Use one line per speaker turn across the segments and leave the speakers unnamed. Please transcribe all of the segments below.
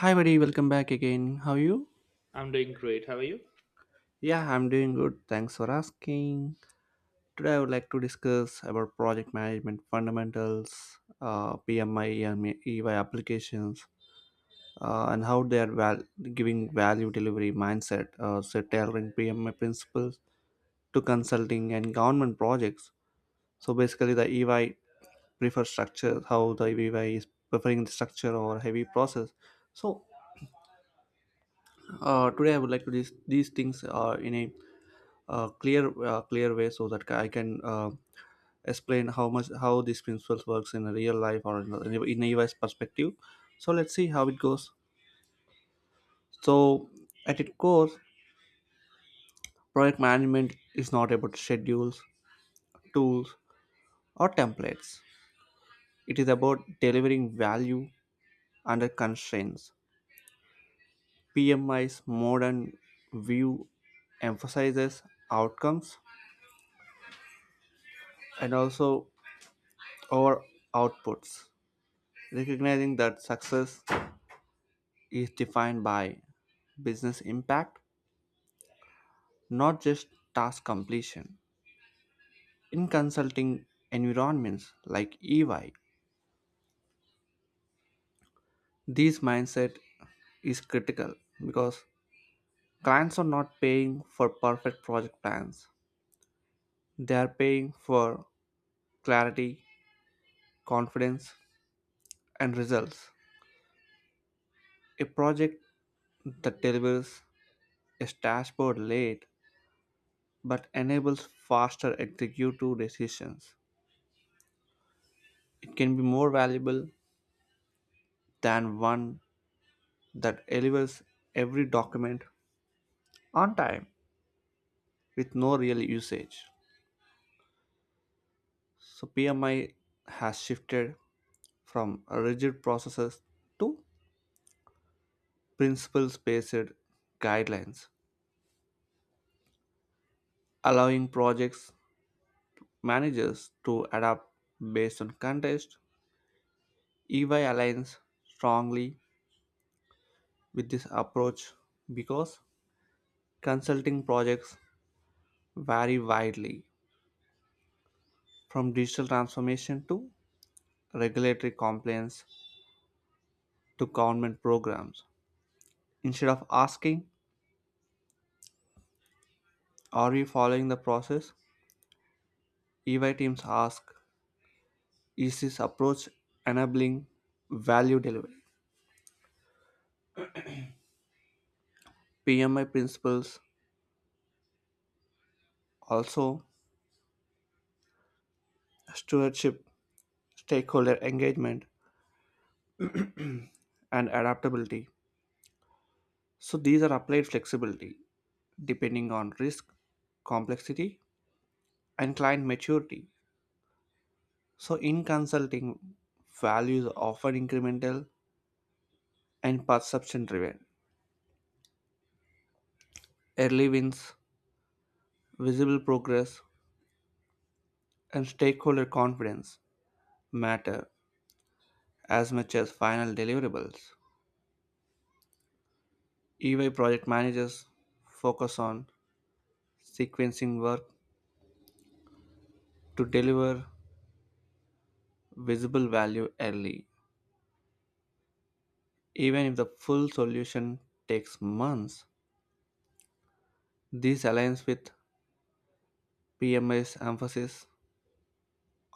Hi, buddy, welcome back again. How are you?
I'm doing great. How are you?
Yeah, I'm doing good. Thanks for asking. Today, I would like to discuss about project management fundamentals, PMI, and EY applications, and how they are giving value delivery mindset, so tailoring PMI principles to consulting and government projects. So, basically, the EY prefers structure, how the EY is preferring the structure or heavy process. So, Today, I would like to these things in a clear clear way so that I can explain how these principles works in real life or in a U S perspective. So let's see how it goes. So at its core, project management is not about schedules, tools, or templates. It is about delivering value under constraints. PMI's modern view emphasizes outcomes and also our outputs, recognizing that success is defined by business impact, not just task completion. In consulting environments like EY, this mindset is critical because clients are not paying for perfect project plans. They are paying for clarity, confidence, and results. A project that delivers a dashboard late but enables faster executive decisions. It can be more valuable than one that delivers every document on time with no real usage. So PMI has shifted from rigid processes to principles-based guidelines, allowing projects managers to adapt based on context. EY aligns strongly with this approach because consulting projects vary widely from digital transformation to regulatory compliance to government programs. Instead of asking, "Are you following the process?" EY teams ask, "Is this approach enabling value delivery?" PMI principles also stewardship, stakeholder engagement, and adaptability. So these are applied flexibility depending on risk, complexity, and client maturity. So, in consulting, values are often incremental and perception driven. Early wins, visible progress, and stakeholder confidence matter as much as final deliverables. EY project managers focus on sequencing work to deliver visible value early. Even if the full solution takes months, this aligns with PMI's emphasis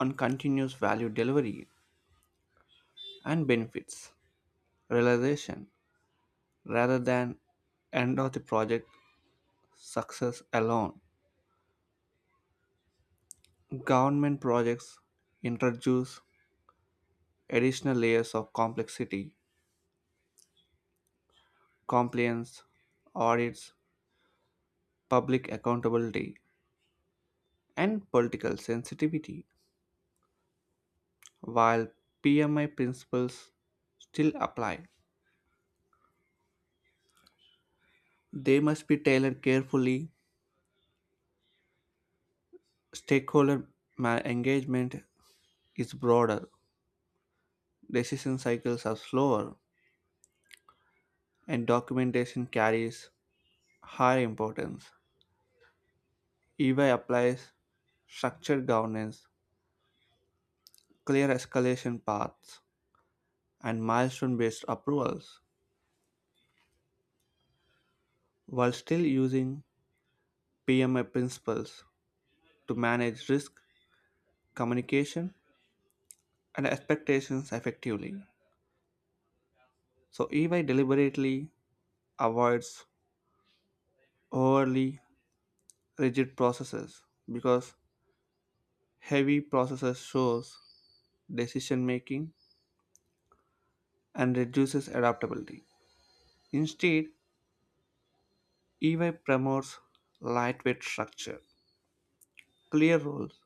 on continuous value delivery and benefits realization rather than end of the project success alone. Government projects introduce additional layers of complexity, compliance, audits, public accountability, and political sensitivity. While PMI principles still apply, they must be tailored carefully. Stakeholder engagement is broader, decision cycles are slower, and documentation carries higher importance. EY applies structured governance, clear escalation paths, and milestone based approvals, while still using PMA principles to manage risk, communication, and expectations effectively. So, EY deliberately avoids overly rigid processes because heavy processes shows decision making and reduces adaptability. Instead, EY promotes lightweight structure, clear roles,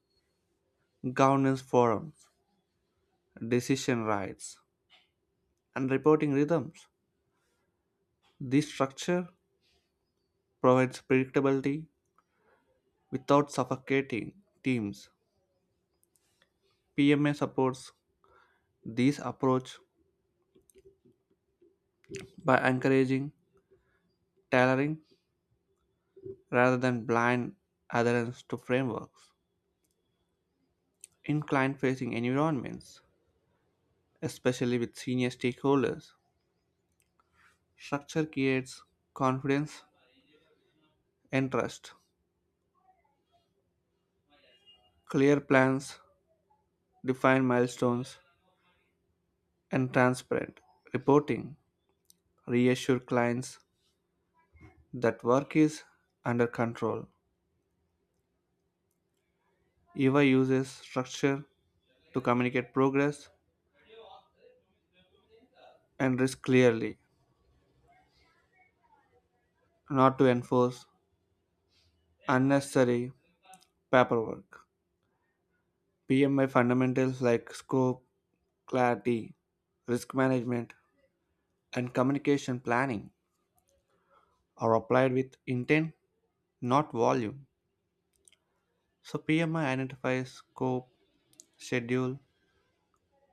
governance forums, decision rights, and reporting rhythms. This structure provides predictability without suffocating teams. PMA supports this approach by encouraging tailoring rather than blind adherence to frameworks. In client facing environments, especially with senior stakeholders, structure creates confidence and trust. Clear plans, defined milestones, and transparent reporting reassure clients that work is under control. Eva uses structure to communicate progress and risk clearly, not to enforce unnecessary paperwork. PMI fundamentals like scope, clarity, risk management, and communication planning are applied with intent, not volume. So, PMI identifies scope, schedule,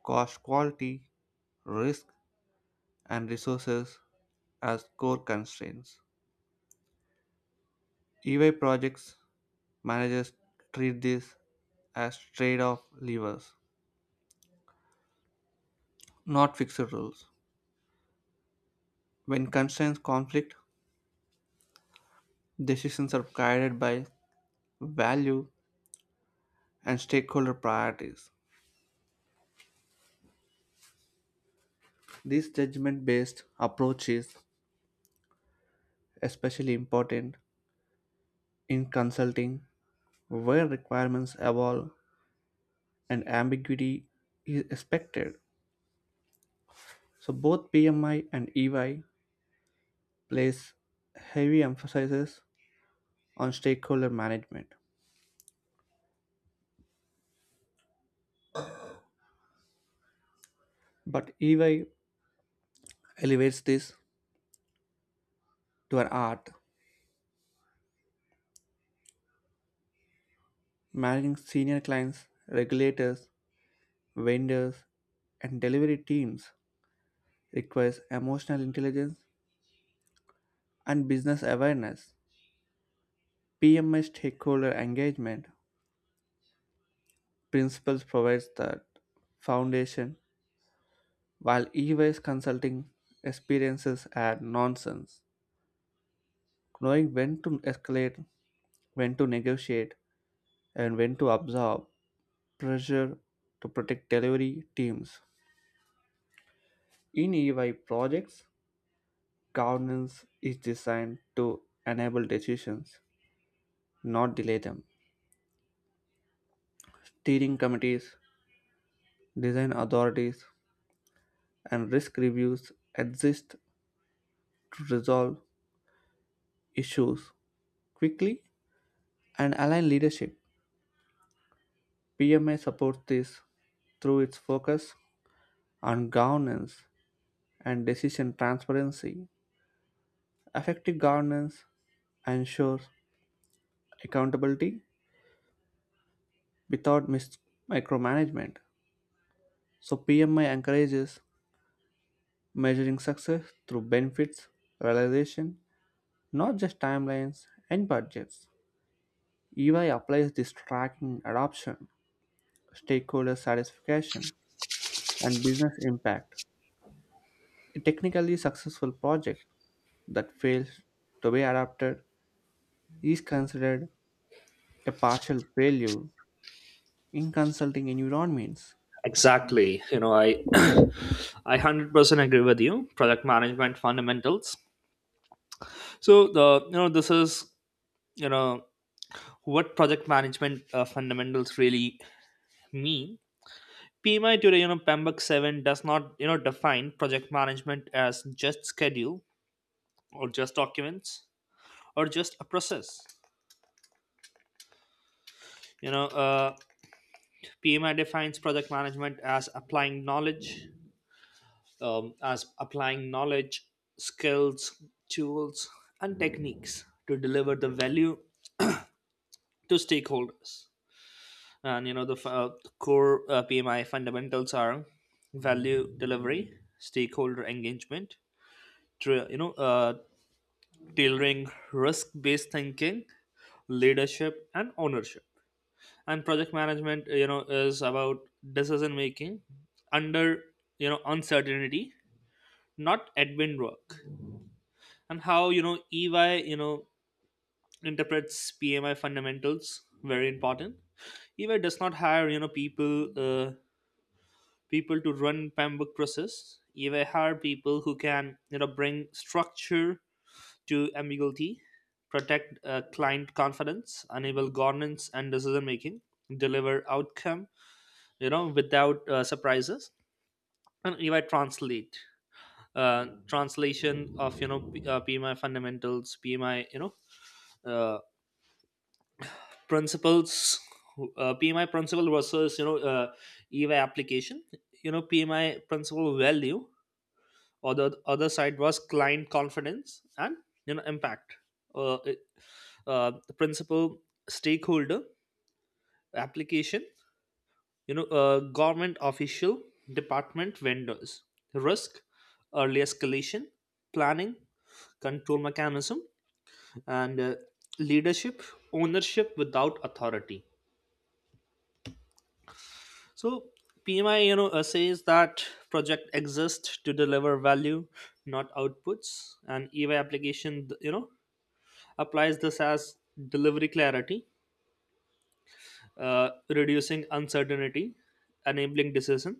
cost, quality, risk, and resources as core constraints. EY projects managers treat this as trade off levers, not fixed rules. When constraints conflict, decisions are guided by value and stakeholder priorities. This judgment based approach is especially important in consulting, where requirements evolve and ambiguity is expected. So, both PMI and EY place heavy emphasis on stakeholder management, but EY elevates this to an art. Managing senior clients, regulators, vendors, and delivery teams requires emotional intelligence and business awareness. PMI stakeholder engagement principles provides that foundation, while e-waste consulting experiences are nonsense. Knowing when to escalate, when to negotiate, and when to absorb pressure to protect delivery teams. In EY projects, governance is designed to enable decisions, not delay them. Steering committees, design authorities, and risk reviews exist to resolve issues quickly and align leadership. PMA supports this through its focus on governance and decision transparency. Effective governance ensures accountability without micromanagement. So PMI encourages measuring success through benefits, realization, not just timelines and budgets. EY applies this tracking adoption, stakeholder satisfaction, and business impact. A technically successful project that fails to be adapted is considered a partial failure in consulting environments.
Exactly. I I 100% agree with you. Project management fundamentals. So the you know this is you know what project management fundamentals really mean. PMI today, PMBOK 7 does not, define project management as just schedule, or just documents, or just a process. You know, uh, PMI defines project management as applying knowledge, um, as applying knowledge, skills, tools, and techniques to deliver the value to stakeholders. And core PMI fundamentals are value delivery, stakeholder engagement, tra- you know uh, tailoring, risk-based thinking, leadership, and ownership. And project management, is about decision making under uncertainty, not admin work. And how EY interprets PMI fundamentals, very important. EY does not hire uh, people to run PEMBROKE process. EY hire people who can bring structure to ambiguity, protect client confidence, enable governance and decision making, deliver outcome without surprises. And EY translate uh, translation of PMI fundamentals. PMI Uh, principles, PMI principle versus eva application. PMI principle value, or the other side was client confidence and impact. uh, it- the principal stakeholder application, government official, department, vendors, risk, early escalation, planning, control mechanism, and leadership, ownership without authority. So PMI, says that project exists to deliver value, not outputs. And EY application, applies this as delivery clarity, reducing uncertainty, enabling decision,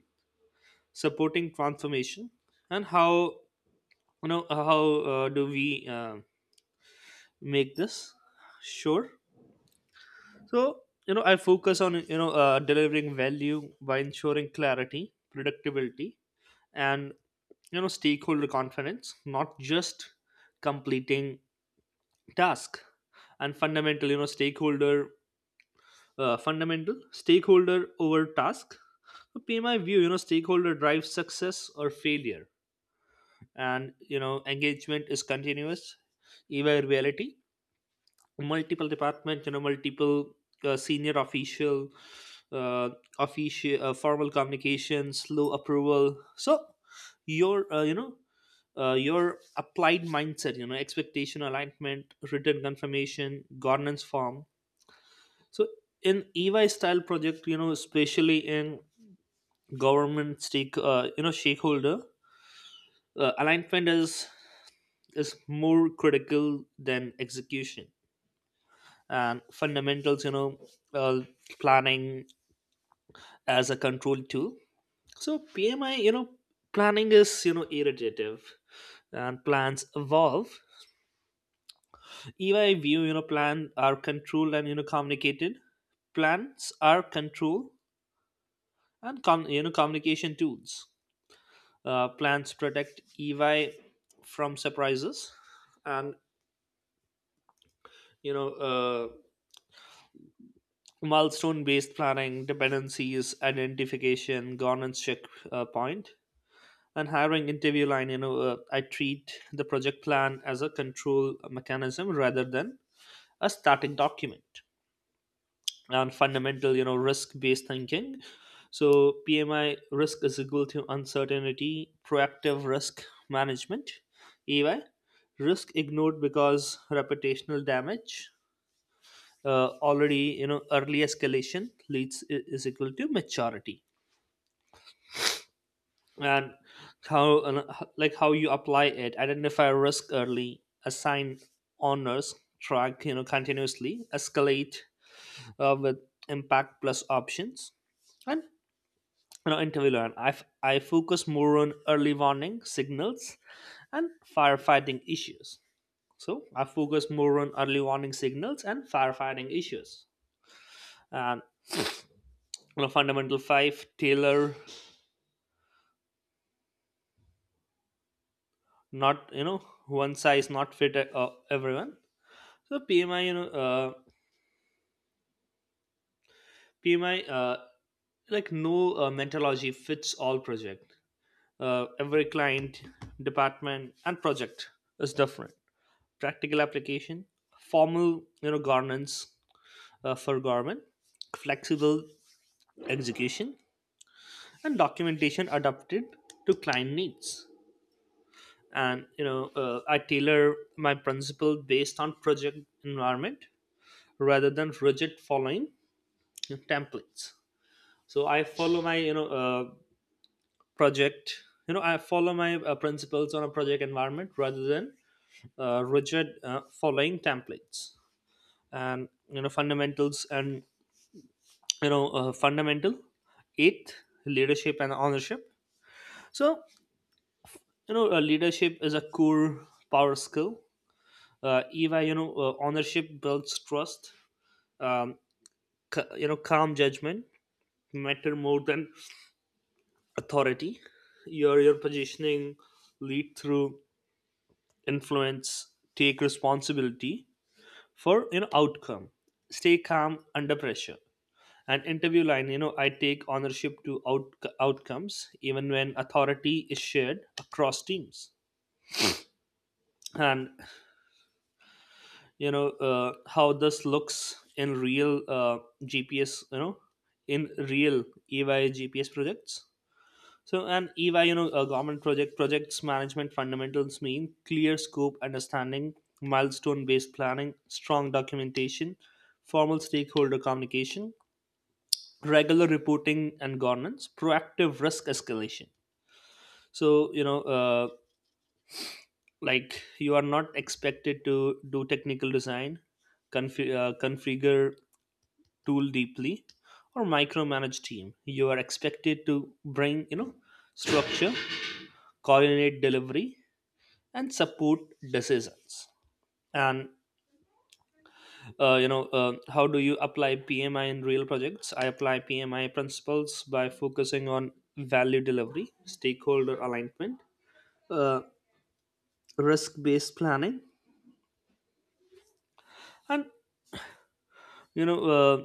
supporting transformation. And how you know uh, how do we make this sure? So I focus on delivering value by ensuring clarity, predictability, and stakeholder confidence, not just completing task. And fundamental, you know stakeholder fundamental stakeholder over task. So pay my view, stakeholder drives success or failure, and engagement is continuous. Evaluability multiple departments, you know multiple senior official, uh, formal communications, slow approval. So your uh, you know your applied mindset, expectation alignment, written confirmation, governance form. So in EY style project, especially in government, stakeholder alignment is more critical than execution. And fundamentals, uh, planning as a control too. So PMI, planning is iterative and plans evolve. Ei view, plan are controlled and communicated. Plans are control and communication tools. Plans protect EY from surprises. And you know uh, milestone based planning, dependencies identification, governance check point. And hiring interview line, I treat the project plan as a control mechanism rather than a static document. And fundamental, risk based thinking. So PMI, risk is equal to uncertainty, proactive risk management. EY, risk ignored because reputational damage already. Early escalation leads, is equal to maturity. And how, like, how you apply it: identify risk early, assign honors, track continuously, escalate with impact plus options. And interview learn, I focus more on early warning signals and firefighting issues. So I focus more on early warning signals and firefighting issues. And fundamental five, tailor, not one size not fit everyone. So PMI, like, no methodology fits all project. Every client, department, and project is different. Practical application, formal, governance for government, flexible execution, and documentation adapted to client needs. And I tailor my principle based on project environment rather than rigid following templates. So I follow my you know project you know I follow my principles on a project environment rather than rigid following templates. And fundamental eighth, leadership and ownership. So leadership is a core power skill. Eva ownership builds trust. um, Calm judgment matter more than authority. Your positioning: lead through influence, take responsibility for outcome, stay calm under pressure. And interview line, I take ownership to outcomes even when authority is shared across teams. And how this looks in real gps you know in real EY GPS projects. So and EY, a government projects management fundamentals mean clear scope, understanding, milestone-based planning, strong documentation, formal stakeholder communication, regular reporting and governance, proactive risk escalation. So like, you are not expected to do technical design, configure tool deeply, or micromanage team. You are expected to bring structure, coordinate delivery, and support decisions. And how do you apply PMI in real projects? I apply PMI principles by focusing on value delivery, stakeholder alignment, uh, risk based planning, and you know uh,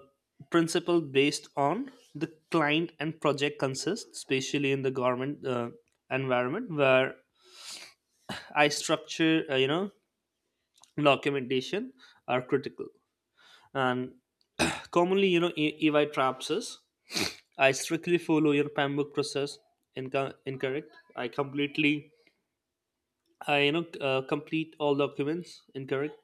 principle based on the client and project consists, especially in the government environment where I structure documentation are critical. And commonly, EY traps us. I strictly follow your PAMBOK process. Incorrect. I completely, I complete all documents. Incorrect.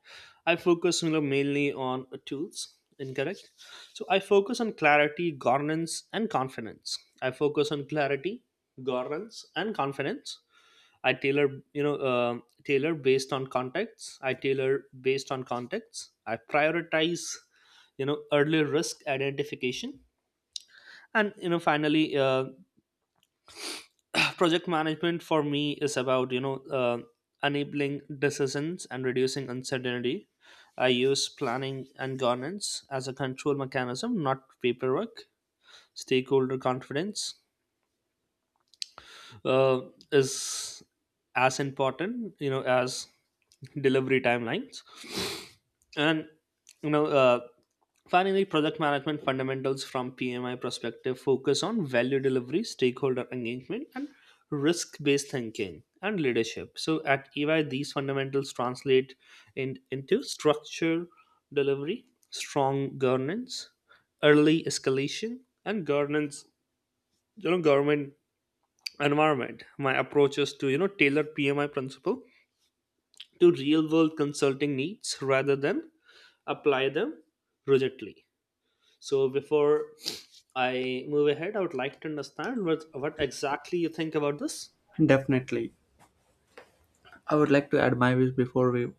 I focus, mainly on tools. Incorrect. So I focus on clarity, governance, and confidence. I focus on clarity, governance, and confidence. I tailor, tailor based on contexts. I tailor based on contexts. I prioritize, early risk identification. And you know finally project management for me is about enabling decisions and reducing uncertainty. I use planning and governance as a control mechanism, not paperwork. Stakeholder confidence uh, is as important as delivery timelines. And you know uh, finally, project management fundamentals from PMI perspective focus on value delivery, stakeholder engagement, and risk based thinking and leadership. So at EY, these fundamentals translate into structure delivery, strong governance, early escalation, and governance. Government environment, my approach is to tailor PMI principle to real world consulting needs rather than apply them rigidly. So before I move ahead, I would like to understand what exactly you think about this.
Definitely. I would like to add my views before we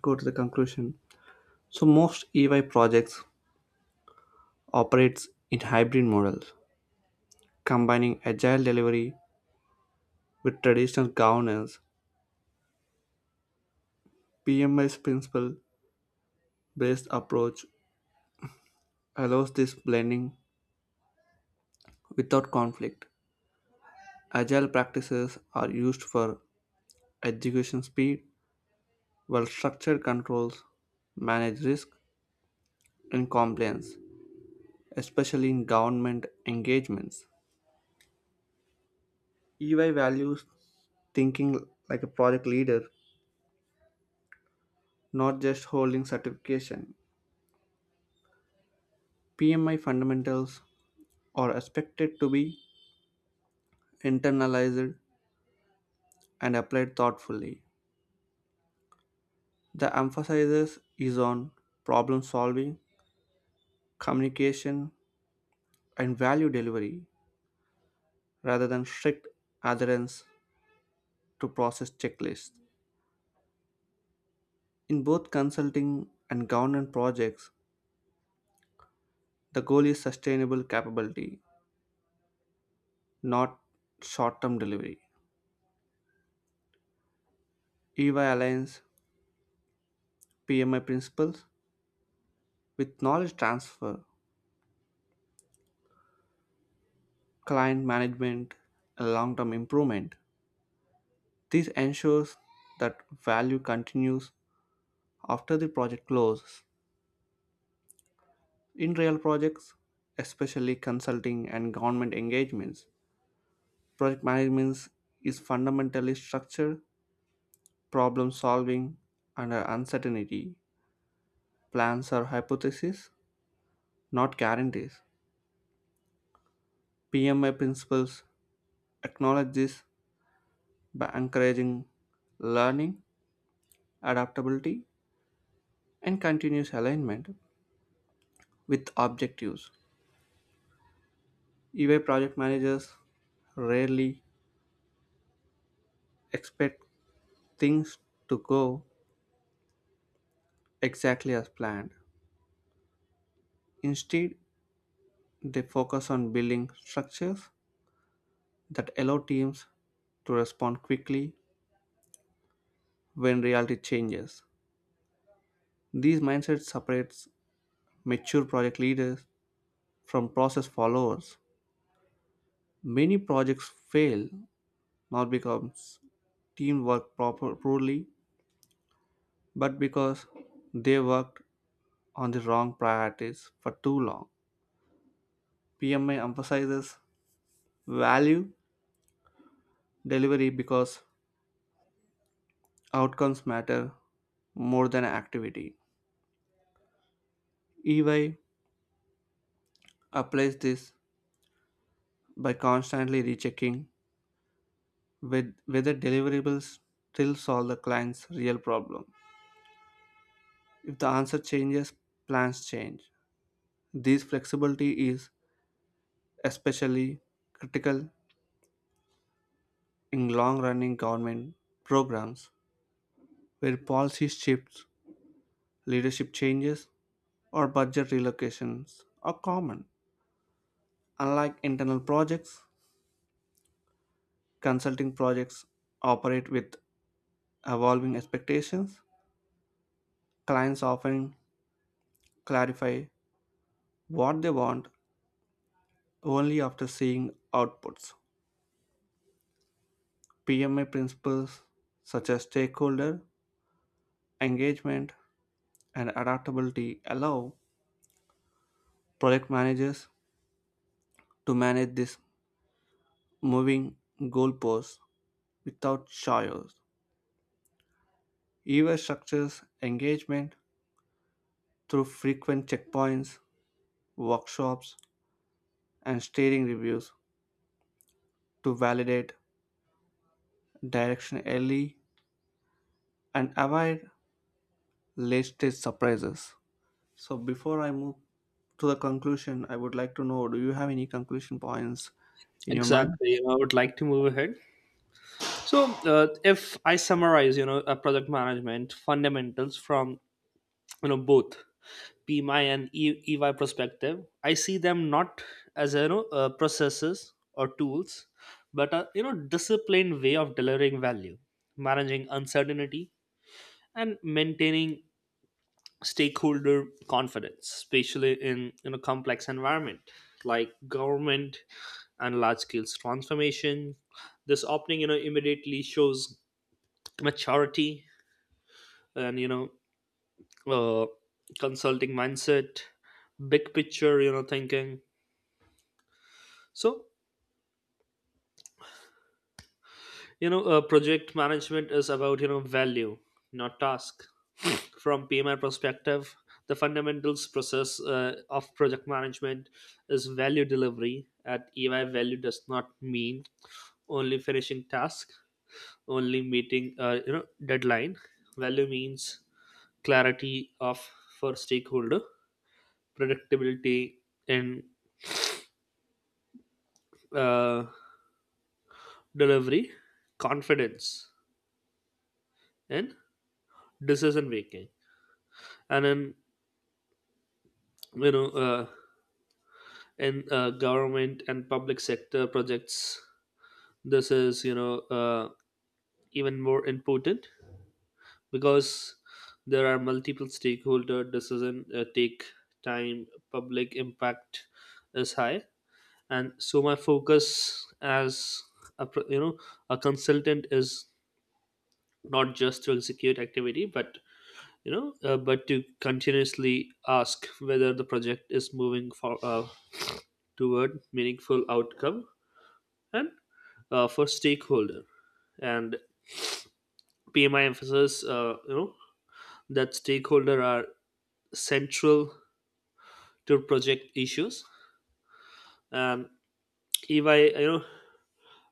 go to the conclusion. So most EY projects operates in hybrid models, combining agile delivery with traditional governance. PMI's principle-based approach allows this blending without conflict. Agile practices are used for execution speed, while structured controls manage risk and compliance, especially in government engagements. EY values thinking like a project leader, not just holding certification. PMI fundamentals are expected to be internalized and applied thoughtfully. The emphasis is on problem solving, communication, and value delivery rather than strict adherence to process checklists. In both consulting and governance projects, the goal is sustainable capability, not short term delivery. EY aligns PMI principles with knowledge transfer, client management, and long term improvement. This ensures that value continues after the project closes. In real projects, especially consulting and government engagements, project management is fundamentally structure, problem solving under uncertainty. Plans are hypotheses, not guarantees. PMI principles acknowledge this by encouraging learning, adaptability, and continuous alignment with objectives. EY project managers rarely expect things to go exactly as planned. Instead, they focus on building structures that allow teams to respond quickly when reality changes. These mindsets separates mature project leaders from process followers. Many projects fail not because teamwork proper poorly, but because they worked on the wrong priorities for too long. PMI emphasizes value delivery because outcomes matter more than activity. EY applies this by constantly rechecking with whether deliverables still solve the client's real problem. If the answer changes, plans change. This flexibility is especially critical in long running government programs where policy shifts, leadership changes, or budget relocations are common. Unlike internal projects, consulting projects operate with evolving expectations, clients often clarify what they want only after seeing outputs. PMI principles such as stakeholder engagement and adaptability allow project managers to manage this moving goalposts without chaos. EVA structures engagement through frequent checkpoints, workshops, and steering reviews to validate direction early and avoid latest surprises. So before I move to the conclusion, I would like to know, do you have any conclusion points in your mind?
Exactly, I would like to move ahead. So if I summarize, project management fundamentals from both PMI and EY perspective, I see them not as processes or tools, but a disciplined way of delivering value, managing uncertainty, and maintaining stakeholder confidence, especially in a complex environment like government and large scale transformation. This opening, immediately shows maturity and uh, consulting mindset, big picture, thinking. So project management is about, value, not task. From PMI perspective, the fundamentals process of project management is value delivery. At EY, value does not mean only finishing task, only meeting, deadline. Value means clarity of for stakeholder, predictability in uh, delivery, confidence in decision making. And in you know and government and public sector projects, this is even more important because there are multiple stakeholder, decision take time, public impact is high. And so my focus as a pro- you know a consultant is not just to execute activity, but but to continuously ask whether the project is moving for toward meaningful outcome and for stakeholder. And PMI emphasizes, that stakeholder are central to project issues. And EY,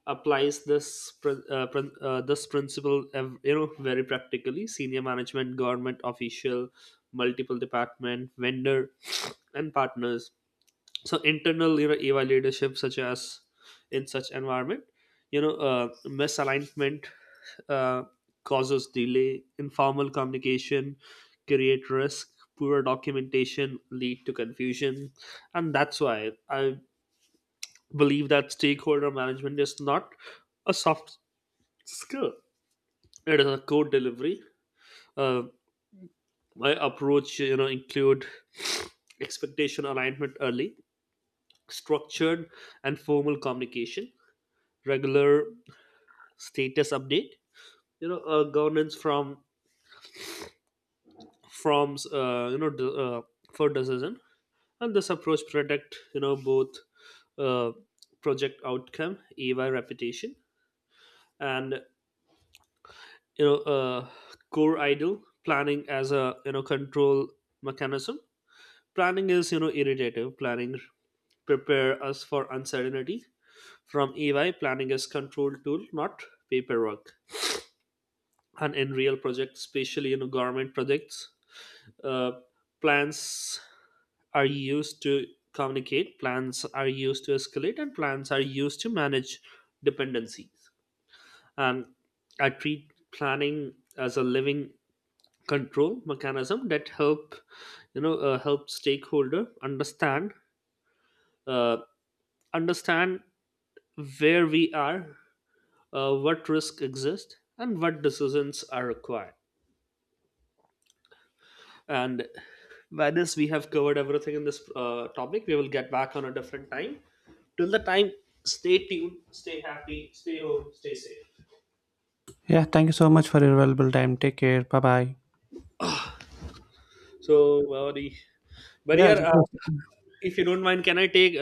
applies this this principle very practically: senior management, government official, multiple department, vendor, and partners. So internal, eva leadership such as in such environment, misalignment uh, causes delay, informal communication create risk, poor documentation lead to confusion. And that's why I believe that stakeholder management is not a soft skill, it is a core delivery. uh, my approach, include expectation alignment early, structured and formal communication, regular status update, governance from forms, for decision. And this approach protect, both uh, project outcome, EY reputation. And you know uh, core idle, planning as a control mechanism. Planning is, irritative planning prepare us for uncertainty. From EY, planning is control tool, not paperwork. And in real projects, especially government projects, uh, plans are used to communicate, plans are used to escalate, and plans are used to manage dependencies. And I treat planning as a living control mechanism that help, help stakeholder understand, uh, understand where we are, what risk exist, and what decisions are required. And by this, we have covered everything in this topic. We will get back on a different time. Till the time, stay tuned, stay happy, stay home, stay safe.
Yeah, thank you so much for your valuable time. Take care. Bye bye.
So, Gauri, but
Yeah,
yeah,
it was-
if you don't mind, can I take a